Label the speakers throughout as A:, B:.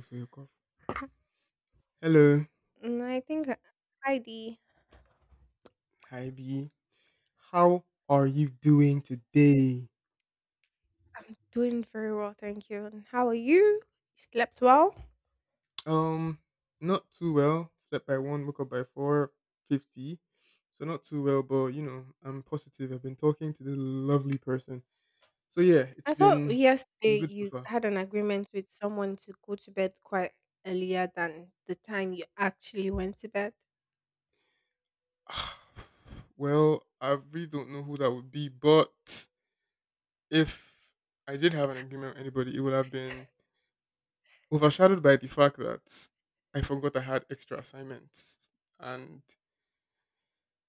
A: For your call. Hello,
B: Mm, I think Heidi
A: hi B. How are you doing today?
B: doing very well, thank you. And how are you? You slept well?
A: Um, Not too well. Slept by one, woke up by 4:50. So not too well, but I'm positive. I've been talking to this lovely person. So yeah,
B: I
A: it's
B: thought
A: been
B: yesterday
A: good so
B: you
A: far.
B: had an agreement with someone to go to bed quite earlier than the time you actually went to bed.
A: Well, I really don't know who that would be, but if I did have an agreement with anybody, it would have been overshadowed by the fact that I forgot I had extra assignments and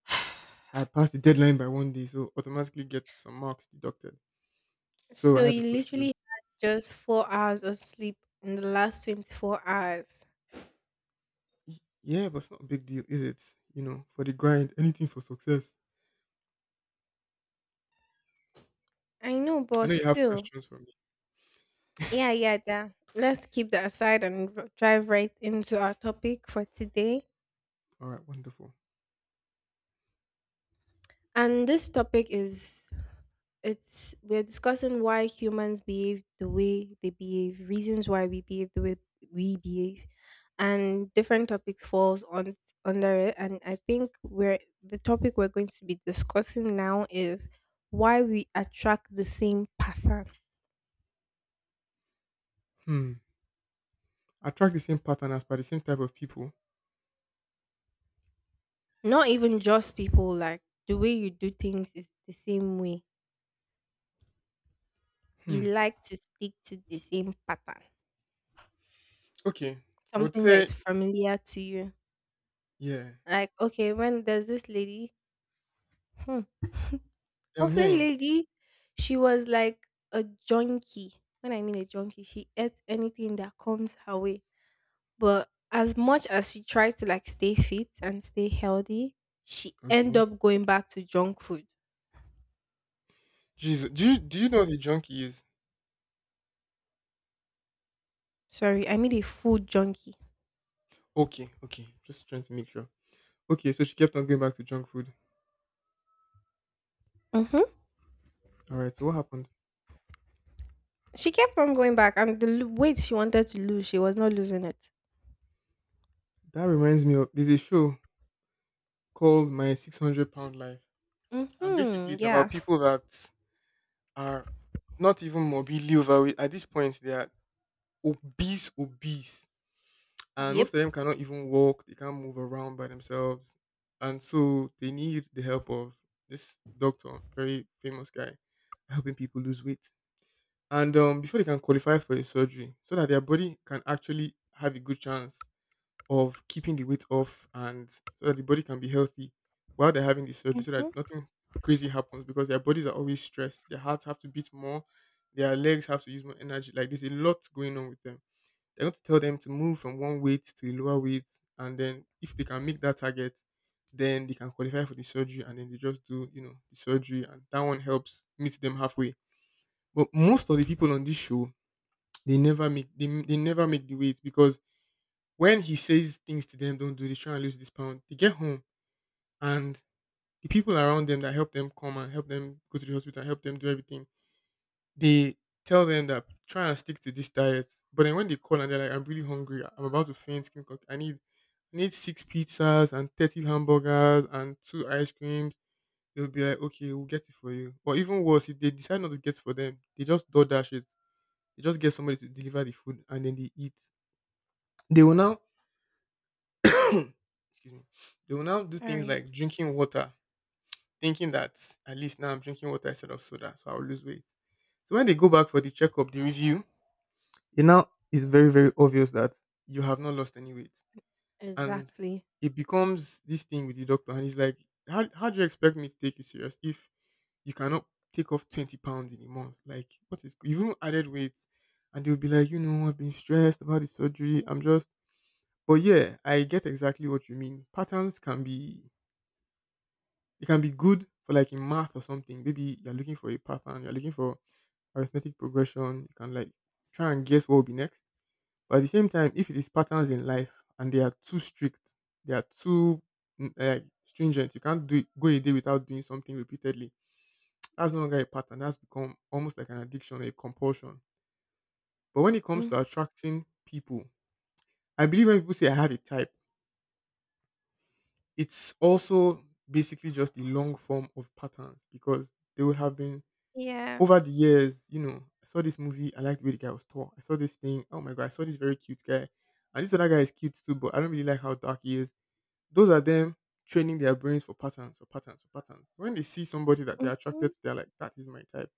A: I passed the deadline by 1 day, so automatically get some marks deducted. So I
B: So
A: had
B: you
A: to push
B: literally
A: through.
B: had just 4 hours of sleep in the last 24 hours.
A: Y- Yeah, but it's not a big deal, is it? For the grind, anything for success.
B: I know,
A: I
B: but
A: know you have
B: still,
A: questions for me.
B: yeah, yeah, yeah. Let's keep that aside and drive right into our topic for today.
A: All right, wonderful.
B: And this topic is it's we're discussing why humans behave the way they behave, reasons why we behave the way we behave, and different topics falls on under it. And I think we're the topic we're going to be discussing now is why we attract the same pattern.
A: Hmm. Attract the same pattern as by the same type of people.
B: Not even just people, like the way you do things is the same way. You
A: Hmm.
B: like to stick to the same pattern,
A: Okay. I would
B: something that
A: say,
B: is familiar to you.
A: yeah.
B: Like, okay, when there's this lady, hmm, I
A: I'm
B: was saying
A: hearing.
B: lady, she was like a junkie. When I mean a junkie, she ate anything that comes her way. But as much as she tried to like stay fit and stay healthy, she end
A: Okay.
B: up going back to junk food.
A: Jesus. Do you know what a junkie is?
B: Sorry, I mean a food junkie.
A: Okay. Okay. Just trying to make sure. Okay. So she kept on going back to junk food.
B: Mm-hmm.
A: All right. So what happened?
B: She kept on going back, and the weight she wanted to lose, she was not losing it.
A: That reminds me of. There's a show called My 600 Pound Life. And basically,
B: Mm-hmm.
A: it's about
B: Yeah.
A: people that are not even morbidly overweight. At this point, they are obese, obese. And
B: Yep.
A: most of them cannot even walk, they can't move around by themselves. And so they need the help of this doctor, very famous guy, helping people lose weight. And before they can qualify for a surgery, so that their body can actually have a good chance of keeping the weight off and so that the body can be healthy while they're having the surgery so that
B: Mm-hmm.
A: nothing crazy happens because their bodies are always stressed. Their hearts have to beat more, their legs have to use more energy. Like there's a lot going on with them. They're going to tell them to move from one weight to a lower weight, and then if they can make that target, then they can qualify for the surgery and then they just do, the surgery and that one helps meet them halfway. But most of the people on this show, they never make the weight because when he says things to them, don't do this, try and lose this pound, they get home and the people around them that help them come and help them go to the hospital and help them do everything, they tell them that try and stick to this diet. But then when they call and they're like, I'm really hungry, I'm about to faint, I need six pizzas and 30 hamburgers and two ice creams. They'll be like, okay, we'll get it for you. Or even worse, if they decide not to get it for them, they just door dash it. They just get somebody to deliver the food and then they eat. They will now excuse me, they will now do things
B: Sorry.
A: like drinking water, thinking that at least now I'm drinking water instead of soda, so I'll lose weight. So when they go back for the checkup, the review, it now is very, very obvious that you have not lost any weight. And
B: Exactly.
A: it becomes this thing with the doctor, and he's like, how do you expect me to take you serious if you cannot take off 20 pounds in a month? Like, what is you even added weight? And they'll be like, you know, I've been stressed about the surgery. I'm just, but yeah, I get exactly what you mean. Patterns can be, you can be good for like in math or something. Maybe you're looking for a pattern, you're looking for arithmetic progression. You can like try and guess what will be next. But at the same time, if it is patterns in life and they are too strict, they are too like stringent, you can't do go a day without doing something repeatedly. That's no longer a pattern. That's become almost like an addiction or a compulsion. But when it comes
B: Mm.
A: to attracting people, I believe when people say I have a type, it's also basically just the long form of patterns because they would have been
B: Yeah.
A: over the years. You know, I saw this movie, I liked the way the guy was tall. I saw this thing, oh my god, I saw this very cute guy. And this other guy is cute too, but I don't really like how dark he is. Those are them training their brains for patterns, for patterns, for patterns. When they see somebody that they're attracted
B: Mhm.
A: to, they're like, that is my type.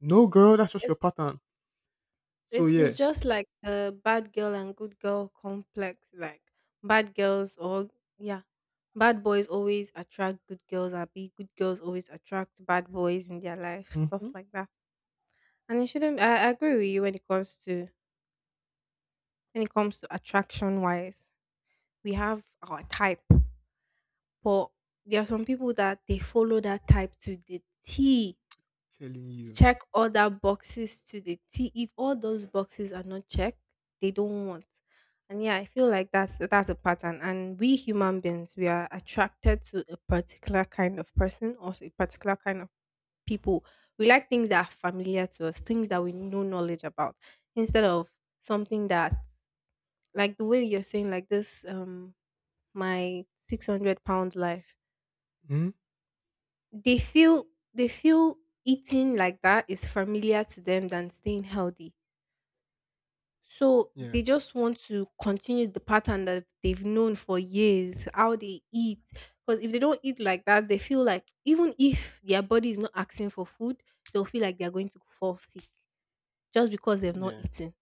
A: No, girl, that's just your
B: It's,
A: pattern. So
B: it's
A: yeah.
B: just like the bad girl and good girl complex. Like bad girls or yeah, bad boys always attract good girls. Or be good girls always attract bad boys in their life. Stuff
A: Hmm.
B: like that. And it shouldn't. I agree with you when it comes to attraction wise. We have our type, but there are some people that they follow that type to the T.
A: Telling you.
B: Check other boxes to the T. If all those boxes are not checked, they don't want. And yeah, I feel like that's a pattern. And we human beings, we are attracted to a particular kind of person or a particular kind of people. We like things that are familiar to us, things that we know knowledge about, instead of something that, like the way you're saying, like this, my 600-Pound life.
A: Hmm.
B: They feel they feel eating like that is familiar to them than staying healthy. So
A: Yeah.
B: they just want to continue the pattern that they've known for years, how they eat. Because if they don't eat like that, they feel like even if their body is not asking for food, they'll feel like they're going to fall sick just because they've not
A: Yeah.
B: eaten.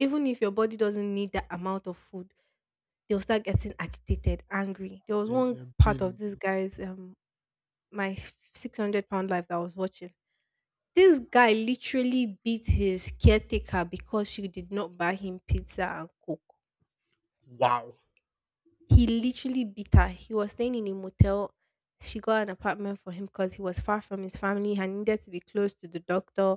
B: Even if your body doesn't need that amount of food, they'll start getting agitated, angry. There was
A: Their,
B: one
A: their
B: part of
A: brain will
B: this
A: be,
B: guy's my 600-Pound life that I was watching. This guy literally beat his caretaker because she did not buy him pizza and coke.
A: wow.
B: He literally beat her. He was staying in a motel. She got an apartment for him because he was far from his family and needed to be close to the doctor.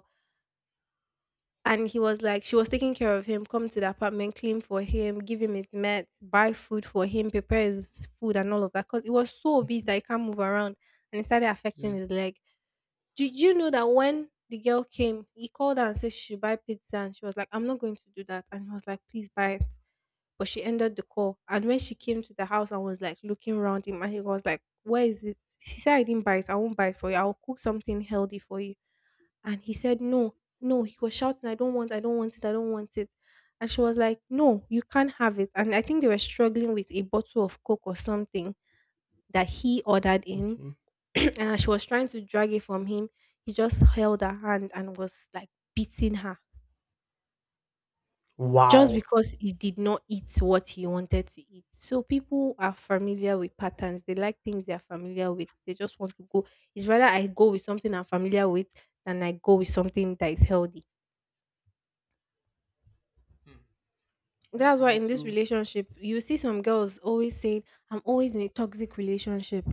B: And he was like, she was taking care of him, come to the apartment, clean for him, give him his meds, buy food for him, prepare his food and all of that. Because he was so obese that he can't move around, and it started
A: Yeah.
B: affecting his leg. Did you know that when the girl came, he called her and said she should buy pizza and she was like, I'm not going to do that. And he was like, please buy it, but she ended the call. And when she came to the house and was like looking around him, and he was like, "Where is it?" He said, "I didn't buy it. I won't buy it for you. I'll cook something healthy for you." And he said, "No, no." He was shouting, I don't want it, I don't want it." And she was like, "No, you can't have it." And I think they were struggling with a bottle of coke or something that he ordered in,
A: Okay.
B: and as she was trying to drag it from him, he just held her hand and was like beating her just
A: Wow.
B: because he did not eat what he wanted to eat. So people are familiar with patterns. They like things they are familiar with. They just want to go. It's rather I go with something I'm familiar with than I go with something that is healthy.
A: Hmm. That's
B: That's
A: a
B: why in this
A: little
B: relationship, you see some girls always saying, I'm always in a toxic relationship.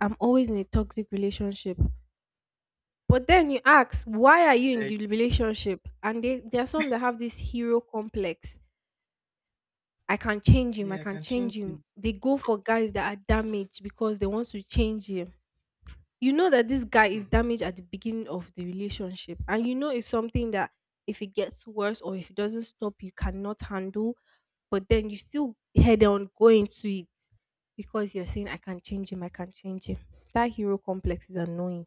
B: I'm always in a toxic relationship. But then you ask, why are you in
A: like
B: the relationship? And they, there are some that have this hero complex. I can change him. I
A: yeah, I
B: can
A: can change
B: change
A: it.
B: him. They go for guys that are damaged because they want to change him. You know that this guy is
A: Hmm.
B: damaged at the beginning of the relationship, and you know it's something that if it gets worse or if it doesn't stop, you cannot handle. But then you still head on going to it because you're saying, "I can change him. I can change him." That hero complex is annoying.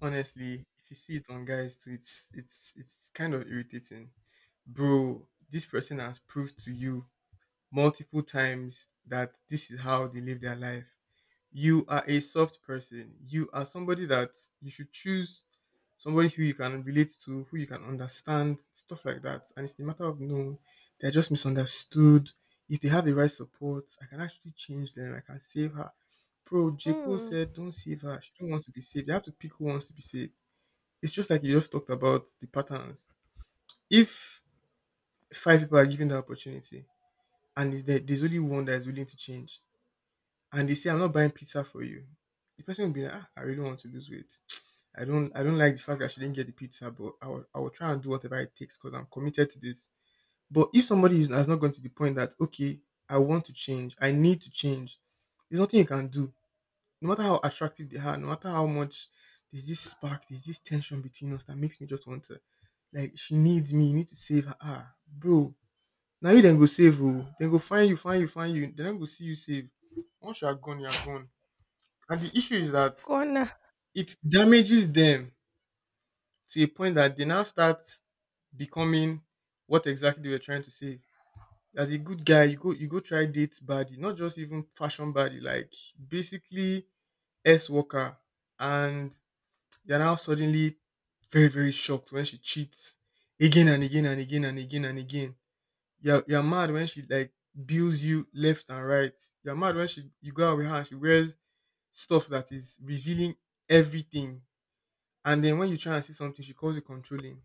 A: Honestly, if you see it on guys too, it's kind of irritating. Bro, this person has proved to you multiple times that this is how they live their life. You are a soft person. You are somebody that you should choose somebody who you can relate to, who you can understand, stuff like that. And it's a matter of no, they're just misunderstood. If they have the right support, I can actually change them. I can save her. Bro, J. Cole
B: Mm,
A: said, don't save her. She don't want to be saved. You have to pick who wants to be saved. It's just like you just talked about the patterns. If five people are given the opportunity and there's only one that is willing to change, and they say, "I'm not buying pizza for you," the person will be like, ah, "I really want to lose weight. I don't like the fact that she didn't get the pizza, but I will try and do whatever it takes because I'm committed to this." But if somebody has not gone to the point that, okay, I want to change, I need to change, there's nothing you can do no matter how attractive they are, no matter how much there's this spark, there's this tension between us that makes me just want to, like she needs me, you need to save her. Ah, bro. Now you then go save her. Then go find you, find you, find you. Then go see you save. Once you are gone, you are gone. And the issue is that
B: gonna
A: it damages them to a point that they now start becoming what exactly they were trying to say. As a good guy, you go try date body, not just even fashion body, like basically S worker. And you're now suddenly very, very shocked when she cheats again and again and again and again and again. You're mad when she like bills you left and right. You're mad when she you go out with her and she wears stuff that is revealing everything. And then when you try and see something, she calls it controlling.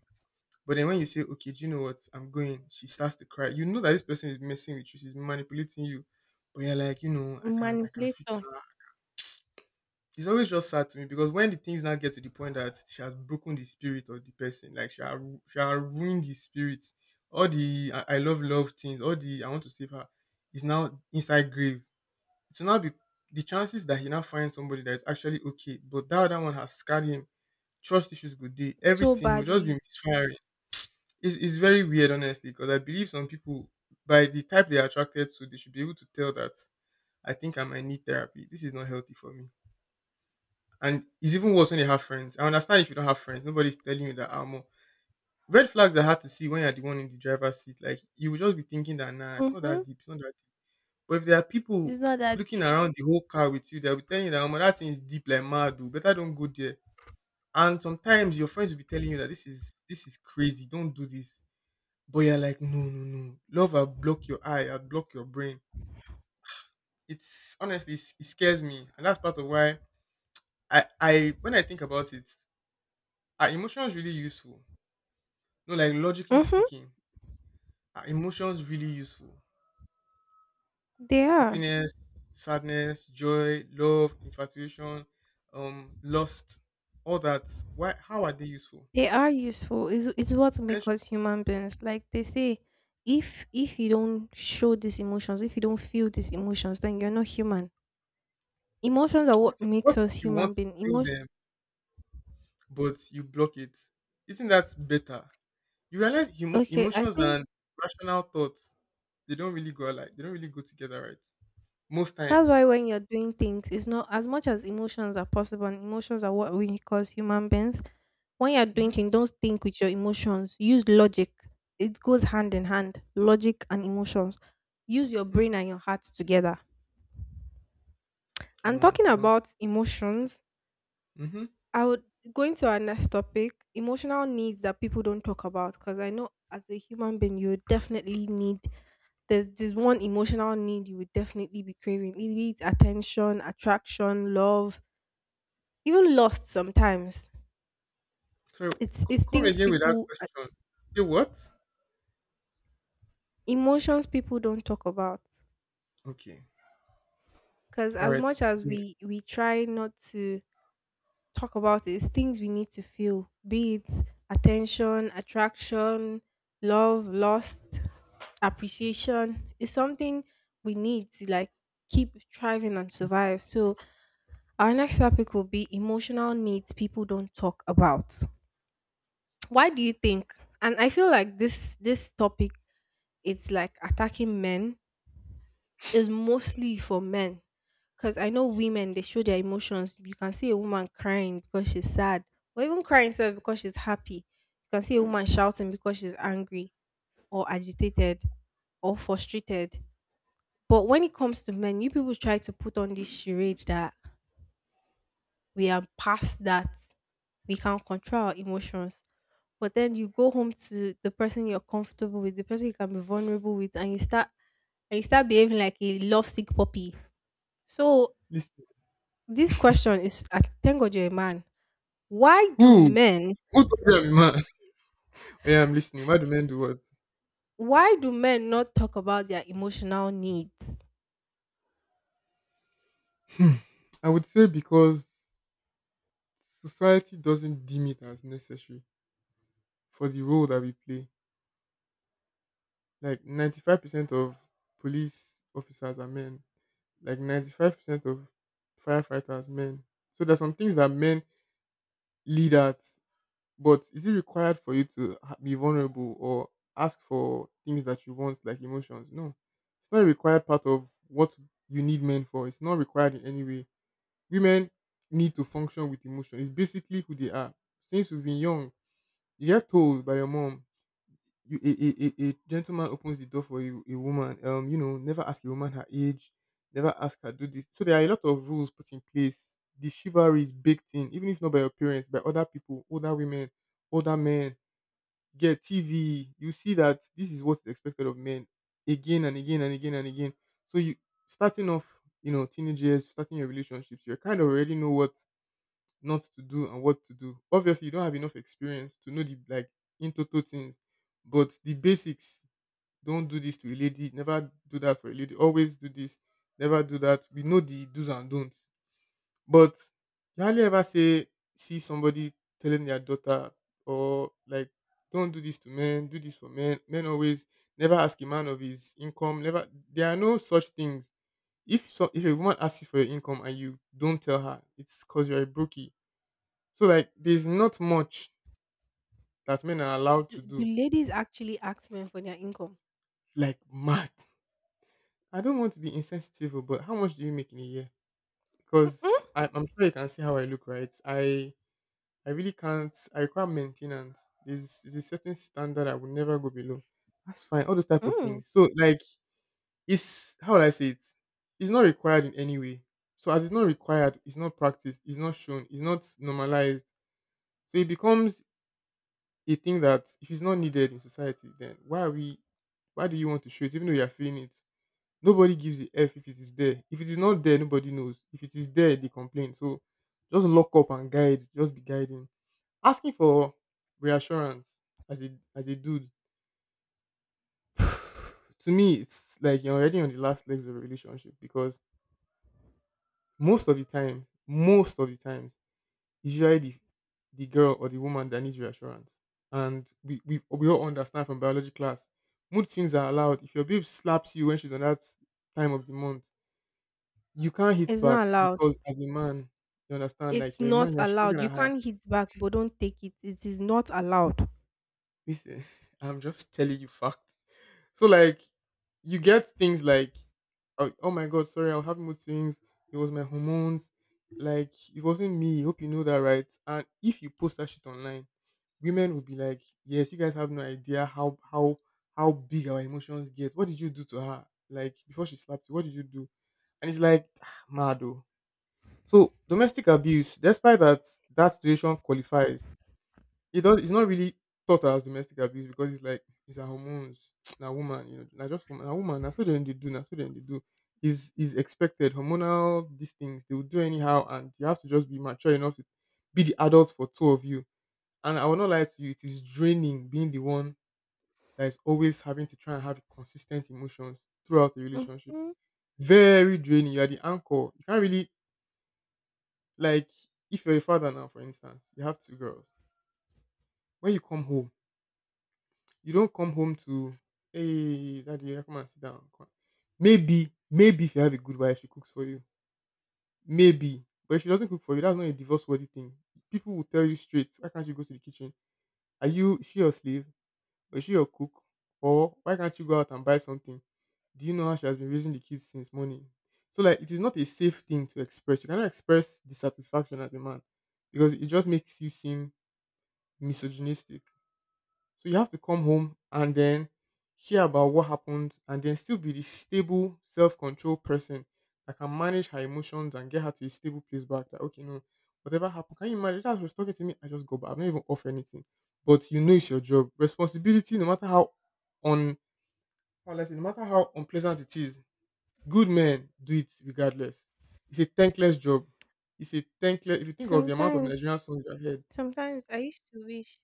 A: But then when you say, okay, do you know what? I'm going, she starts to cry. You know that this person is messing with you, she's manipulating you. But you're like, I can't fix
B: manipulator
A: her. It's always just sad to me because when the things now get to the point that she has broken the spirit of the person, like she has ruined the spirit, I love love things, all the I want to save her, is now inside grave. So now be the chances that he now finds somebody that is actually okay, but that other one has scarred him. Trust issues good day,
B: so
A: everything he will just be
B: badly.
A: misfiring. It's very weird, honestly, because I believe some people by the type they are attracted to, they should be able to tell that I think I might need therapy. This is not healthy for me. And it's even worse when you have friends. I understand if you don't have friends, nobody's telling you that armor. Red flags are hard to see when you're the one in the driver's seat. Like you will just be thinking that nah, it's not that
B: Mm-hmm.
A: deep, it's not that deep. But if there are people
B: It's not that
A: looking
B: deep.
A: around the whole car with you, they'll be telling you that armor that thing is deep like mad, dude. Better don't go there. And sometimes your friends will be telling you that this is crazy, don't do this. But you're like, no, no, no. Love will block your eye, I'll block your brain. It's honestly it's- it scares me. And that's part of why I when I think about it, are emotions really useful? No, like logically
B: Mm-hmm.
A: speaking, are emotions really useful?
B: They are.
A: Happiness, sadness, joy, love, infatuation, lust, all that. Why? How are they useful?
B: They are useful. It's what
A: Then
B: makes
A: sh-
B: us human beings. Like they say, if you don't show these emotions, if you don't feel these emotions, then you're not human. Emotions are
A: What
B: what
A: if, what
B: makes
A: if
B: us
A: you want
B: human
A: to
B: being.
A: feel
B: Emotion.
A: them but you block it? Isn't that better? You realize
B: Okay, I
A: emotions
B: think
A: and rational thoughts they don't really go alike. They don't really go together, right? Most
B: that's
A: times.
B: why when you're doing things, it's not as much as emotions are possible. And emotions are what we cause human beings. When you're doing
A: Mm-hmm.
B: things, don't think with your emotions. Use logic. It goes hand in hand. Logic and emotions. Use your
A: Hmm.
B: brain and your heart together. And
A: Come
B: talking
A: on.
B: about emotions,
A: Mm-hmm.
B: I would going to our next topic, emotional needs that people don't talk about because I know as a human being you would definitely need there's this one emotional need you would definitely be craving. It be attention, attraction, love, even lost sometimes.
A: So
B: It's it's
A: come
B: things
A: again with that
B: people
A: question. Say what?
B: emotions people don't talk about
A: Okay.
B: because
A: All
B: as
A: right.
B: much as
A: Great.
B: we try not to talk about is things we need to feel, be it attention, attraction, love, lust, appreciation. It's something we need to like keep thriving and survive. So our next topic will be emotional needs people don't talk about. Why do you think? And I feel like this topic is like attacking men, is mostly for men because I know women they show their emotions. You can see a woman crying because she's sad, or even crying self because she's happy. You can see a woman shouting because she's angry or agitated or frustrated. But when it comes to men, you people try to put on this charade that we are past that, we can control our emotions. But then you go home to the person you're comfortable with, the person you can be vulnerable with, and you start behaving like a lovesick puppy. So
A: Listen.
B: this question is, I thank God you're a man. Why do
A: Who?
B: men
A: Who told you I'm a man? Yeah, I'm listening. Why do men do what?
B: why do men not talk about their emotional needs?
A: Hmm. I would say because society doesn't deem it as necessary for the role that we play. Like 95% of police officers are men. Like 95% of firefighters men. So there's some things that men lead at. But is it required for you to be vulnerable or ask for things that you want, like emotions? No. It's not a required part of what you need men for. It's not required in any way. Women need to function with emotion. It's basically who they are. Since you've been young, you get told by your mom, you, a gentleman opens the door for you, a woman, never ask a woman her age, never ask her do this. So there are a lot of rules put in place. The chivalry is baked in, even if not by your parents, by other people, older women, older men get TV, you see that this is what's expected of men again and again and again and again. So you starting off, teenage years, starting your relationships, you kind of already know what not to do and what to do. Obviously, you don't have enough experience to know the like in total things, but the basics. Don't do this to a lady. Never do that for a lady. Always do this. Never do that. We know the do's and don'ts but you hardly ever say see somebody telling their daughter or like don't do this to men, do this for men. Men always never ask a man of his income. Never there are no such things. If so, if a woman asks you for your income and you don't tell her, it's cause you're a brookie. So like there's not much that men are allowed
B: Do,
A: to
B: do
A: do.
B: ladies actually ask men for their income?
A: Like mad. I don't want to be insensitive, but how much do you make in a year? Because I'm sure you can see how I look, right? I really can't. I require maintenance. There's a certain standard I would never go below. That's fine. All those type of
B: Mm-mm.
A: things. So like, it's how would I say it? It's not required in any way. So as it's not required, it's not practiced, it's not shown, it's not normalized. So it becomes a thing that if it's not needed in society, then why are we? Why do you want to show it? Even though you are feeling it, nobody gives a f if it is there. If it is not there, nobody knows. If it is there, they complain. So just lock up and guide. Just be guiding. Asking for reassurance as a dude to me it's like you're already on the last legs of a relationship because most of the times, most of the times, it's usually the girl or the woman that needs reassurance. And we all understand from biology class, mood swings are allowed. If your babe slaps you when she's on that time of the month, you can't hit
B: It's
A: back
B: not allowed.
A: because as a man, you understand, like
B: It's
A: you're a man,
B: not
A: you're stronger
B: allowed. You
A: than her.
B: can't hit back, but don't take it. It is not allowed.
A: Listen, I'm just telling you facts. So like you get things like oh my god, sorry, I'll have mood swings. It was my hormones. Like it wasn't me. Hope you know that, right? And if you post that shit online, women would be like, yes, you guys have no idea how big our emotions get. What did you do to her? Like before she slapped you, what did you do? And it's like mad oh. So domestic abuse, despite that that situation qualifies, it does. It's not really thought as domestic abuse because it's like it's her hormones. Na woman, you know, na just woman. Na woman. Na so dem dey do. Na so dem dey do. Is expected. Hormonal these things they will do anyhow, and you have to just be mature enough to be the adult for two of you. And I will not lie to you. It is draining being the one that is always having to try and have consistent emotions throughout the relationship.
B: Mm-mm.
A: Very draining. You are the anchor. You can't really like if you're a father now, for instance, you have two girls. When you come home you don't come home to, "Hey, daddy, yeah, come and sit down." Come on. Maybe, if you have a good wife, she cooks for you. Maybe. But if she doesn't cook for you, that's not a divorce worthy thing. People will tell you straight, why can't you go to the kitchen? Are you Is she your slave? Or is she your cook? Or why can't you go out and buy something? Do you know how she has been raising the kids since morning? So like it is not a safe thing to express. You cannot express dissatisfaction as a man because it just makes you seem misogynistic. So you have to come home and then share about what happened and then still be the stable, self controlled person that can manage her emotions and get her to a stable place back. That, okay, no, whatever happened, can you imagine? That was talking to me, I just go back. I'm not even off anything. But you know it's your job. Responsibility, no matter on how will I say, no matter how unpleasant it is, good men do it regardless. It's a thankless job. It's a thankless if you think of the amount of
B: Sometimes,
A: Nigerian songs you have heard.
B: sometimes I used to wish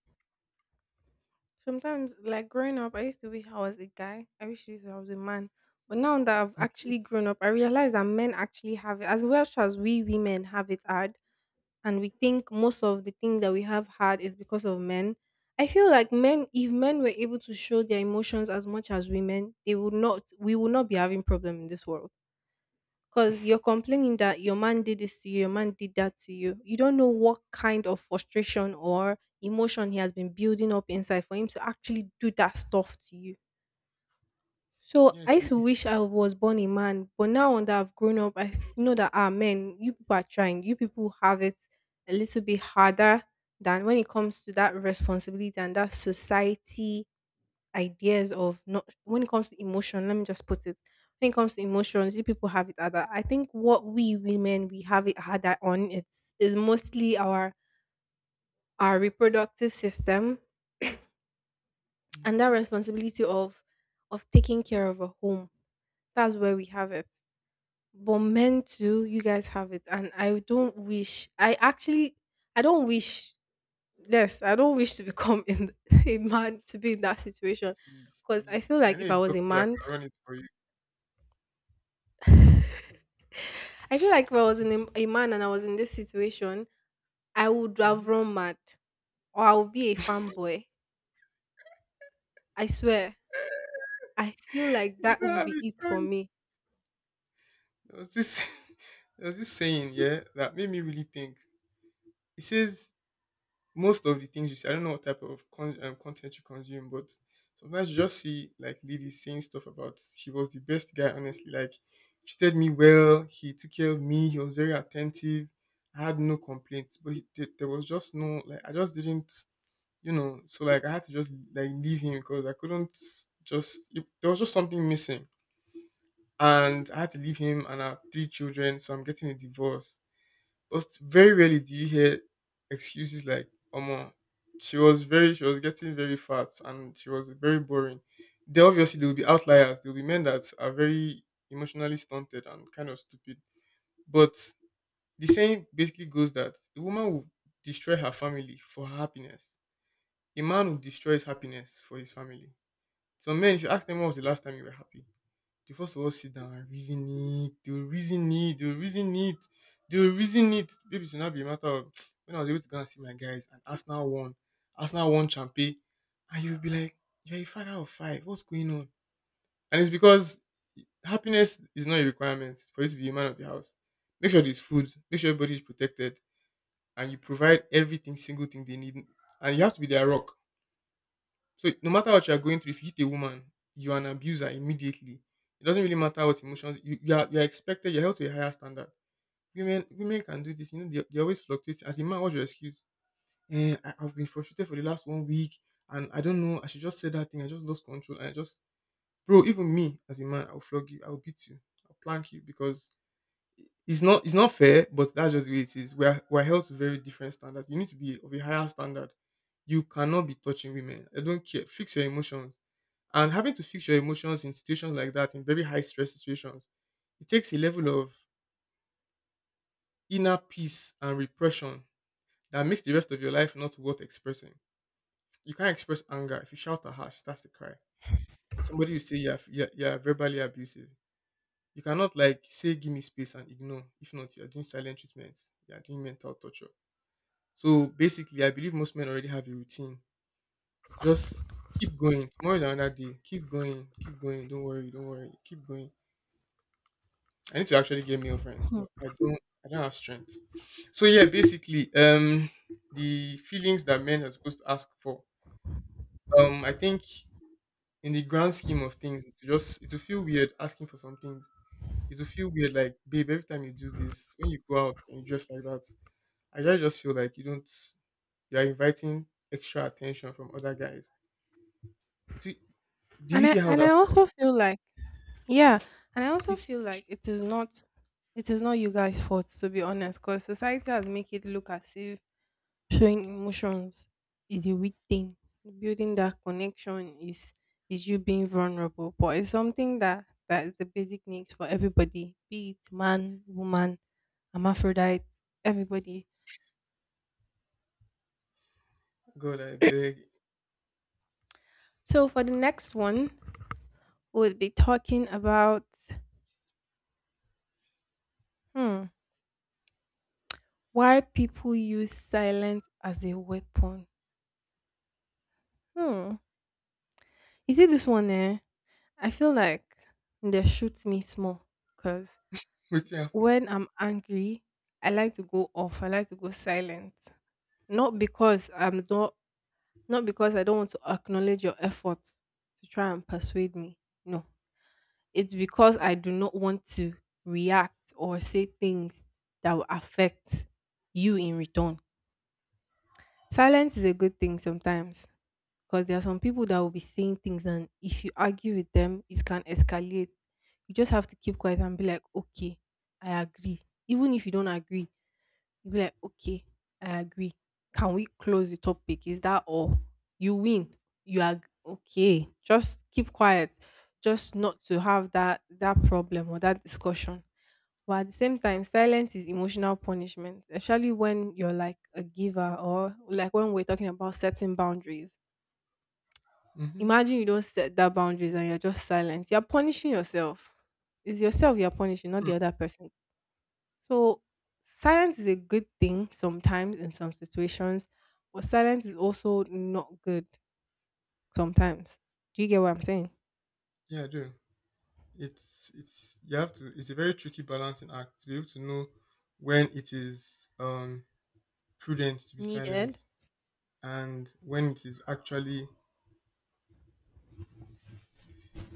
B: Sometimes, like growing up, I used to wish I was a guy. I wish I used- I was a man. But now that I've
A: Mm.
B: actually grown up, I realize that men actually have it as well as we women have it hard. And we think most of the things that we have hard is because of men. I feel like men, if men were able to show their emotions as much as women, they would not. We would not be having problem in this world. Because you're complaining that your man did this to you, your man did that to you. You don't know what kind of frustration or emotion he has been building up inside for him to actually do that stuff to you. So
A: Yeah,
B: I
A: it's, a,
B: used to
A: it's.
B: wish I was born a man, but now that I've grown up, I know that ah men, you people are trying. You people have it a little bit harder than when it comes to that responsibility and that society ideas of, not when it comes to emotion, let me just put it, when it comes to emotions you people have it at that. I think what we women we have it had that on it's is mostly our reproductive system and that
A: Mhm.
B: responsibility of taking care of a home. That's where we have it. But men too, you guys have it, and I don't wish I actually I don't wish yes, I don't wish to become in a man to be in that situation.
A: See,
B: Because I
A: see,
B: feel
A: I
B: like if
A: need
B: I
A: a
B: was a
A: doctor that
B: man
A: can run it for you.
B: I feel like if I was in a man and I was in this situation, I would have
A: Mm-hmm.
B: run mad or I would be a fanboy. I swear. I feel like
A: You
B: that
A: don't
B: would
A: have
B: be
A: a
B: it for me.
A: choice. There was this, there was this saying, yeah, that made me really think. It says most of the things you see, I don't know what type of content you consume, but sometimes you just see like ladies saying stuff about he was the best guy, honestly. Like, treated me well, he took care of me, he was very attentive. I had no complaints, but he, there was just no, like, I just didn't you know, so like I had to just like leave him because I couldn't just it, there was just something missing, and I had to leave him and our three children. So I'm getting a divorce. But very rarely do you hear excuses like "Omo, she was getting very fat and she was very boring." There obviously there will be outliers. There will be men that are very emotionally stunted and kind of stupid. But the saying basically goes that the woman will destroy her family for her happiness a man who destroys happiness for his family. Some men, if you ask them when was the last time you were happy, they first of all sit down and reason it, they'll reason it, they'll reason it, they'll reason it. Baby, it should not be a matter of when I was able to go and see my guys and Arsenal won champion, and you'll be like, you're a father of five, what's going on? And it's because happiness is not a requirement for you to be a man of the house. Make sure there's food, make sure everybody is protected, and you provide everything, single thing they need, and you have to be their rock. So no matter what you are going through, if you hit a woman, you are an abuser immediately. It doesn't really matter what emotions you are. You are expected. You're held to a higher standard. Women, women can do this. You know, they always fluctuate. As a man, what's your excuse? I've been frustrated for the last 1 week, and I don't know. I should just say that thing. I just lost control, and I just, bro. Even me, as a man, I'll flog you. I'll beat you. I'll plank you because it's not fair, but that's just the way it is. We're held to very different standards. You need to be of a higher standard. You cannot be touching women. I don't care. Fix your emotions. And having to fix your emotions in situations like that, in very high stress situations, it takes a level of inner peace and repression that makes the rest of your life not worth expressing. You can't express anger. If you shout at her, she starts to cry. Or somebody will say you're verbally abusive. You cannot like say give me space and ignore. If not, you're doing silent treatments. You're doing mental torture. So basically, I believe most men already have a routine. Just keep going. Tomorrow is another day. Keep going. Keep going. Don't worry. Don't worry. Keep going. I need to actually get male friends, but I don't. I don't have strength. So yeah, basically, the feelings that men are supposed to ask for. I think in the grand scheme of things, it'll feel weird asking for some things. It'll feel weird, like babe, every time you do this, when you go out and you dress like that, I just feel like you don't. You are inviting extra attention from other guys. Do
B: And
A: you
B: I
A: hear how
B: and I
A: that sounds?
B: also feel like yeah, and I also
A: It's
B: feel like it is not, it is not you guys' fault to be honest, because society has make it look as if showing emotions is a weak thing. Building that connection is you being vulnerable, but it's something that, that is the basic needs for everybody, be it man, woman, hermaphrodite, everybody.
A: God, I beg.
B: So for the next one, we'll be talking about, hmm, why people use silence as a weapon. Hmm. Is it this one? Eh? I feel like they shoot me small because
A: What happened?
B: when I'm angry, I like to go off. I like to go silent. Not because I'm not not because I don't want to acknowledge your efforts to try and persuade me. No. It's because I do not want to react or say things that will affect you in return. Silence is a good thing sometimes, because there are some people that will be saying things and if you argue with them it can escalate. You just have to keep quiet and be like, okay, I agree, even if you don't agree. You'll be like, okay, I agree. Can we close the topic? Is that all? You win. You are okay. Just keep quiet. Just not to have that problem or that discussion. But at the same time, silence is emotional punishment, especially when you're like a giver or like when we're talking about setting boundaries.
A: Mm-hmm.
B: Imagine you don't set that boundaries and you're just silent. You're punishing yourself. It's yourself you're punishing, not
A: Mm.
B: the other person. So silence is a good thing sometimes in some situations, but silence is also not good sometimes. Do you get what I'm saying?
A: Yeah, I do. It's you have to. It's a very tricky balancing act to be able to know when it is prudent to be silent
B: Needed.
A: and when it is actually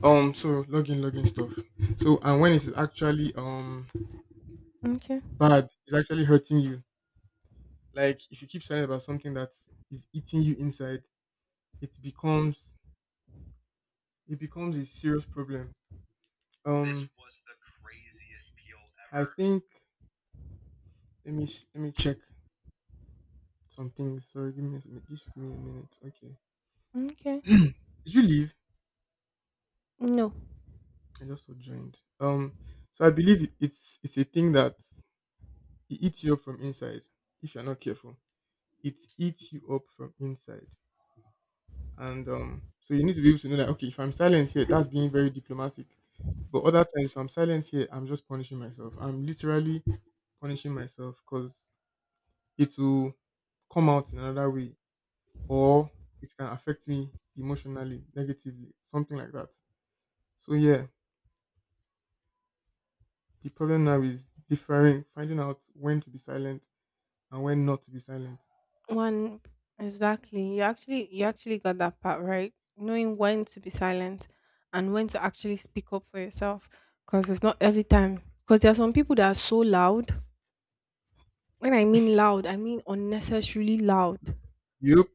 A: so login login stuff. So and when it is actually
B: Okay.
A: bad, it's actually hurting you. Like if you keep silent about something that is eating you inside, it becomes it becomes a serious problem. This was the craziest peel I ever. Think let me sh- Let me check some things. Sorry, give me just give me a minute. Okay.
B: Okay.
A: Did you leave?
B: No.
A: I just so joined. So I believe it's a thing that it eats you up from inside if you're not careful. It eats you up from inside, and so you need to be able to know that okay, if I'm silent here, that's being very diplomatic. But other times, if I'm silent here, I'm just punishing myself. I'm literally punishing myself because it will come out in another way, or it can affect me emotionally, negatively, something like that. So yeah, the problem now is differing, finding out when to be silent and when not to be silent.
B: One, exactly. You actually got that part right. Knowing when to be silent and when to actually speak up for yourself. Because it's not every time. Because there are some people that are so loud. When I mean loud, I mean unnecessarily loud.
A: Yup,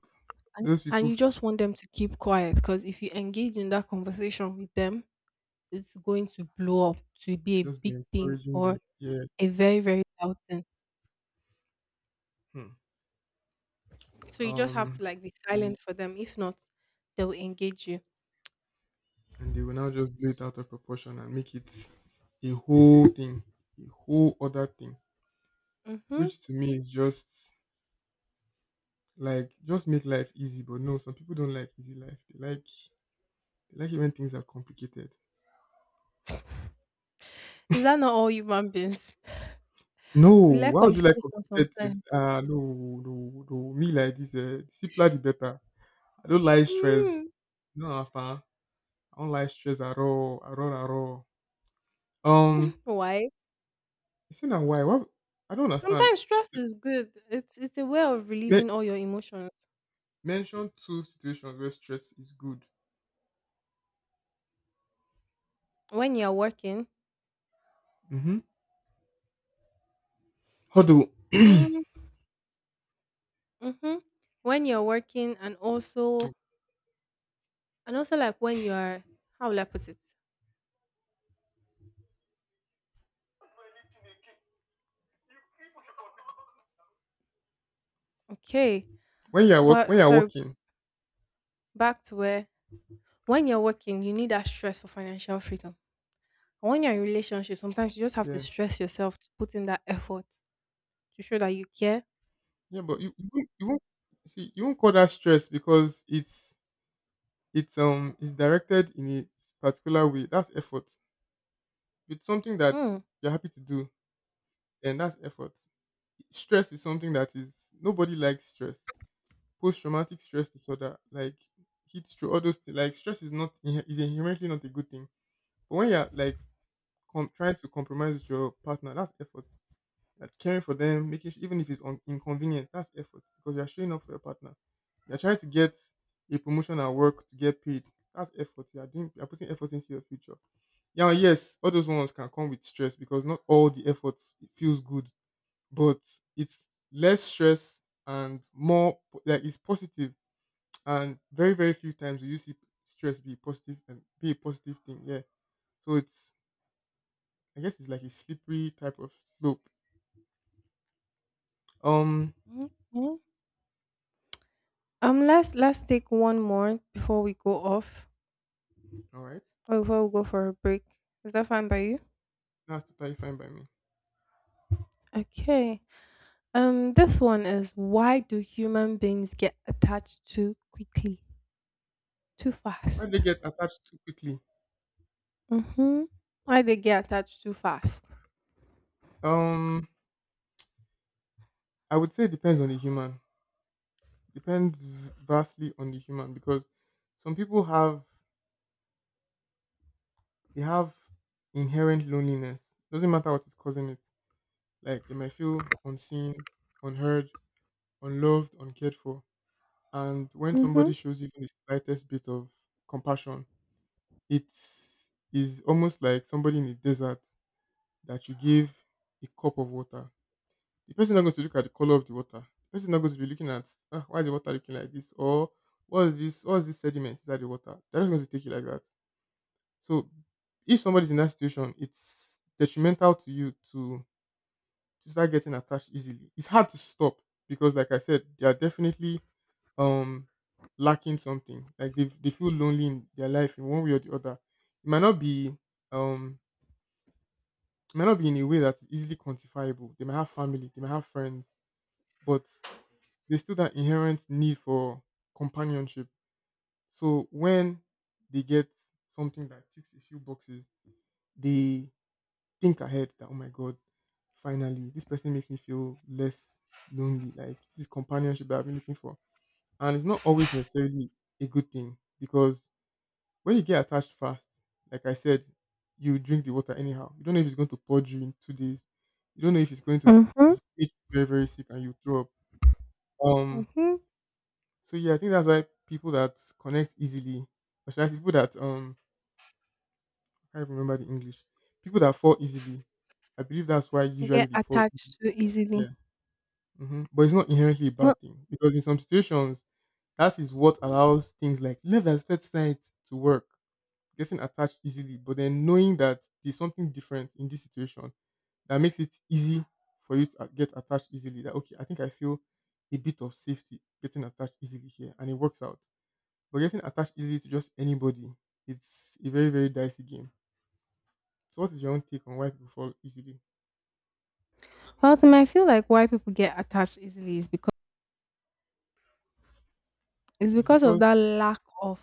B: and,
A: those
B: and you just want them to keep quiet because if you engage in that conversation with them it's going to blow up to be a
A: just be
B: big thing
A: encouraging them.
B: or
A: Yeah.
B: a very very loud thing.
A: Hmm.
B: So you just have
A: Um,
B: to like be silent for them, if not they will engage you.
A: and they will now just blow it out of proportion and make it a whole thing, a whole other thing,
B: Hmm.
A: which to me is just like just make life easy. But no, some people don't like easy life. They like you like it when things are complicated.
B: Is that not all human beings?
A: No,
B: We like
A: why would you like
B: complications
A: complicated things?
B: sometimes.
A: Ah, no, no, no. Me like this, the simpler the better. I don't like stress.
B: mm,
A: You don't understand? I don't like stress at all, at all, at all. Um,
B: why?
A: you see now why? Why? I don't understand.
B: Sometimes stress is good. It's a way of
A: Me-
B: relieving all your emotions.
A: mention two situations where stress is good.
B: When you're working.
A: Mm-hmm. Huddle.
B: Mm, mm-hmm. When you're working, and also, and also like when you're, how will I put it? Okay.
A: When
B: But
A: you are
B: sorry,
A: working,
B: back to where, when you're working, you need that stress for financial freedom. And when you're in relationship, sometimes you just have to
A: yeah,
B: stress yourself to put in that effort to show that you care.
A: yeah, but you won't, you won't see you won't call that stress because it's directed in a particular way. That's effort. It's something that
B: Hmm.
A: you're happy to do, and that's effort. Stress is something that is nobody likes stress. Post traumatic stress disorder, like heat stroke, all those things. Like stress is not is inherently not a good thing. But when you're like trying to compromise with your partner, that's effort, that caring for them, making even if it's inconvenient, that's effort because you're showing up for your partner. You're trying to get a promotion at work to get paid. That's effort. You're doing. You're putting effort into your future. Yeah, yes, all those ones can come with stress because not all the efforts it feels good, but it's less stress and more like it's positive. And very very few times do you see stress be positive and be a positive thing. Yeah, so it's I guess it's like a slippery type of slope. Um,
B: Mhm. Let's take one more before we go off
A: all right.
B: or before we go for a break. Is that fine by you?
A: That's totally fine by me.
B: Okay. Um, this one is, why do human beings get attached too quickly? Too
A: Why do they
B: fast.
A: get attached too quickly?
B: Mhm. Why they get attached too fast?
A: Um, I would say it depends on the human. Depends vastly on the human because some people have they have inherent loneliness. Doesn't matter what is causing it. Like they might feel unseen, unheard, unloved, uncared for. And when somebody
B: Mhm.
A: shows even the slightest bit of compassion, it is almost like somebody in the desert that you give a cup of water. The person is not going to look at the color of the water. The person is not going to be looking at ah, why is the water looking like this, or what is this, what is this sediment inside the water. They're just going to take it like that. So if somebody's in that situation, it's detrimental to you to start getting attached easily. It's hard to stop because, like I said, they are definitely um lacking something. Like they feel lonely in their life in one way or the other. It might not be um in a way that's easily quantifiable. They might have family, they might have friends, but there's still that inherent need for companionship. So when they get something that ticks a few boxes, they think ahead that oh my god, finally this person makes me feel less lonely. Like this is companionship that I've been looking for, and it's not always necessarily a good thing because when you get attached fast, like I said, you drink the water anyhow. You don't know if it's going to purge you in 2 days. You don't know if it's going to
B: Mhm.
A: make you very very sick and you throw up. Um,
B: Mhm.
A: So yeah, I think that's why people that connect easily, or should I say people that I can't remember the English, people that fall easily. I believe that's why
B: They
A: usually
B: get
A: they fall. Easily
B: attached too
A: like that.
B: easily.
A: Yeah, hmm, but it's not inherently a
B: Well,
A: bad thing because in some situations that is what allows things like love and first sight to work, getting attached easily, but then knowing that there's something different in this situation that makes it easy for you to get attached easily. That okay, I think I feel a bit of safety getting attached easily here, and it works out. But getting attached easily to just anybody, it's a very, very dicey game. So what is your own take on why people fall easily?
B: well, to me, I feel like why people get attached easily is because it's
A: It's
B: because of
A: because
B: that lack of,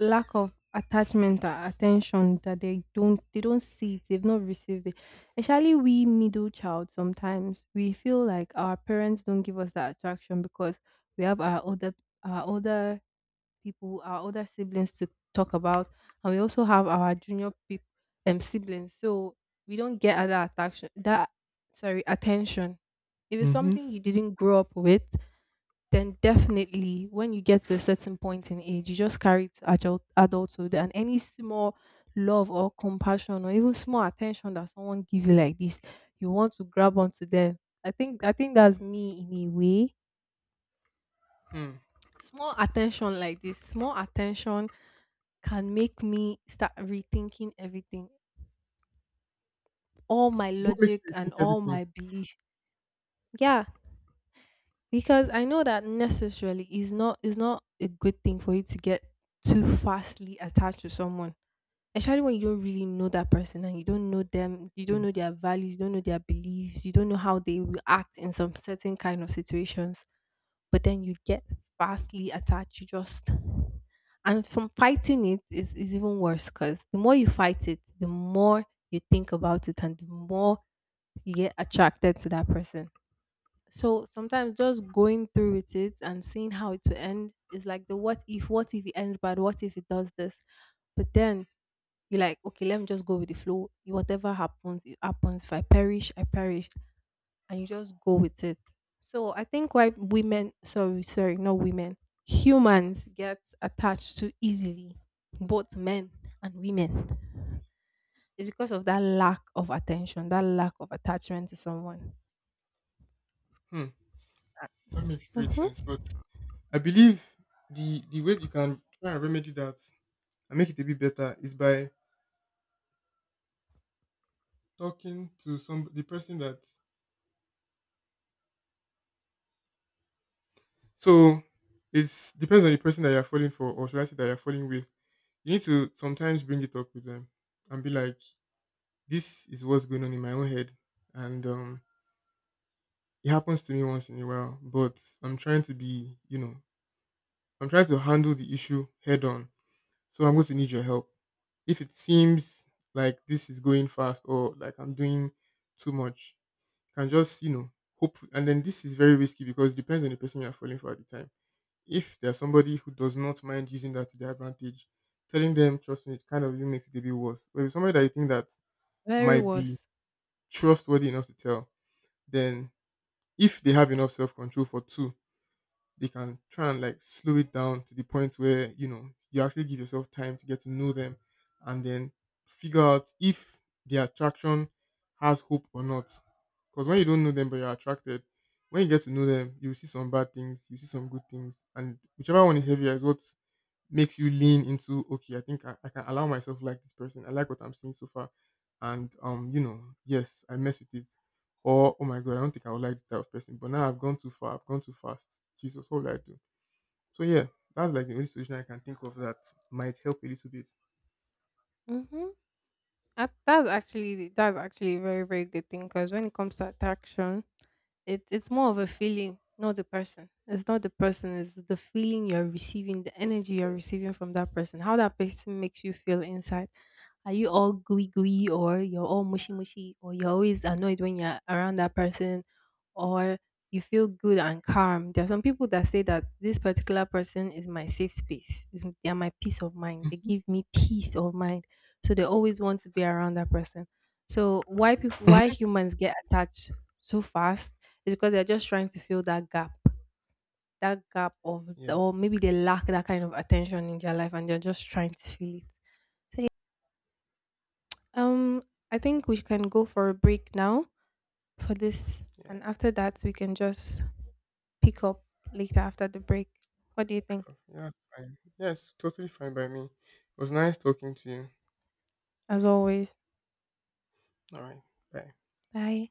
B: lack of attachment or attention that they don't see it, they've not received it. Especially we middle child, sometimes we feel like our parents don't give us that attraction because we have our older, our older people, our older siblings to talk about, and we also have our junior peop, siblings. So we don't get other attraction. That, sorry, attention. If it's
A: mm-hmm.
B: something you didn't grow up with, then definitely when you get to a certain point in age, you just carry it to adult adulthood, and any small love or compassion or even small attention that someone give you like this, you want to grab onto them. I think that's me in a way.
A: Hmm.
B: Small attention like this, small attention can make me start rethinking everything, all my
A: What makes
B: logic
A: you
B: and
A: think
B: all
A: everything?
B: my belief. Yeah, because I know that necessarily is not, is not a good thing for you to get too fastly attached to someone. Especially when you don't really know that person and you don't know them, you don't
A: Hmm.
B: know their values, you don't know their beliefs, you don't know how they will act in some certain kind of situations. But then you get vastly attached. You just, and from fighting it is even worse because the more you fight it, the more you think about it and the more you get attracted to that person. So sometimes just going through with it and seeing how it will end is like the what if it ends bad, what if it does this? But then you're like, okay, let me just go with the flow. Whatever happens, it happens. If I perish, I perish, and you just go with it. So I think why women, sorry, sorry, not women, humans get attached to easily, both men and women, is because of that lack of attention, that lack of attachment to someone.
A: Hmm. That makes great sense.
B: Mm-hmm.
A: But I believe the way you can try and remedy that and make it a bit better is by talking to some the person that so it depends on the person that you're falling for, or should I say that you're falling with. You need to sometimes bring it up with them and be like, this is what's going on in my own head and it happens to me once in a while, but I'm trying to be, you know, I'm trying to handle the issue head on. So I'm going to need your help. If it seems like this is going fast or like I'm doing too much, you can just, you know, hope. And then this is very risky because it depends on the person you're falling for at the time. If there's somebody who does not mind using that to their advantage, telling them, trust me, it kind of even makes it a bit worse. But if it's somebody that you think that
B: Very
A: might be
B: worse.
A: trustworthy enough to tell, then if they have enough self control for two, they can try and like slow it down to the point where you know you actually give yourself time to get to know them and then figure out if the attraction has hope or not because when you don't know them but you're attracted, when you get to know them you will see some bad things, you see some good things, and whichever one is heavier is what makes you lean into okay, I think I can allow myself like this person, I like what I'm seeing so far and you know yes I mess with it, or oh my god I don't think I would like this type of person but now I've gone too far I've gone too fast, jesus what will I do. So yeah, that's like the only solution I can think of that might help a little bit.
B: Mm-hmm. That's actually a very very good thing, because when it comes to attraction, it it's more of a feeling, not the person. It's not the person, it's the feeling you're receiving, the energy you're receiving from that person, how that person makes you feel inside. Are you all gooey gooey or you're all mushy mushy or you're always annoyed when you're around that person, or you feel good and calm. There are some people that say that this particular person is my safe space. Is they are my peace of mind. They
A: Mhm.
B: give me peace of mind. So they always want to be around that person. So why people, why humans get attached so fast is because they're just trying to fill that gap of,
A: Yeah,
B: or maybe they lack that kind of attention in their life and they're just trying to fill it. Um, I think we can go for a break now for this,
A: yeah,
B: and after that, we can just pick up later after the break. What do you think?
A: so, yeah, fine, yes, totally fine by me, it was nice talking to you.
B: As always,
A: All right, bye.
B: bye.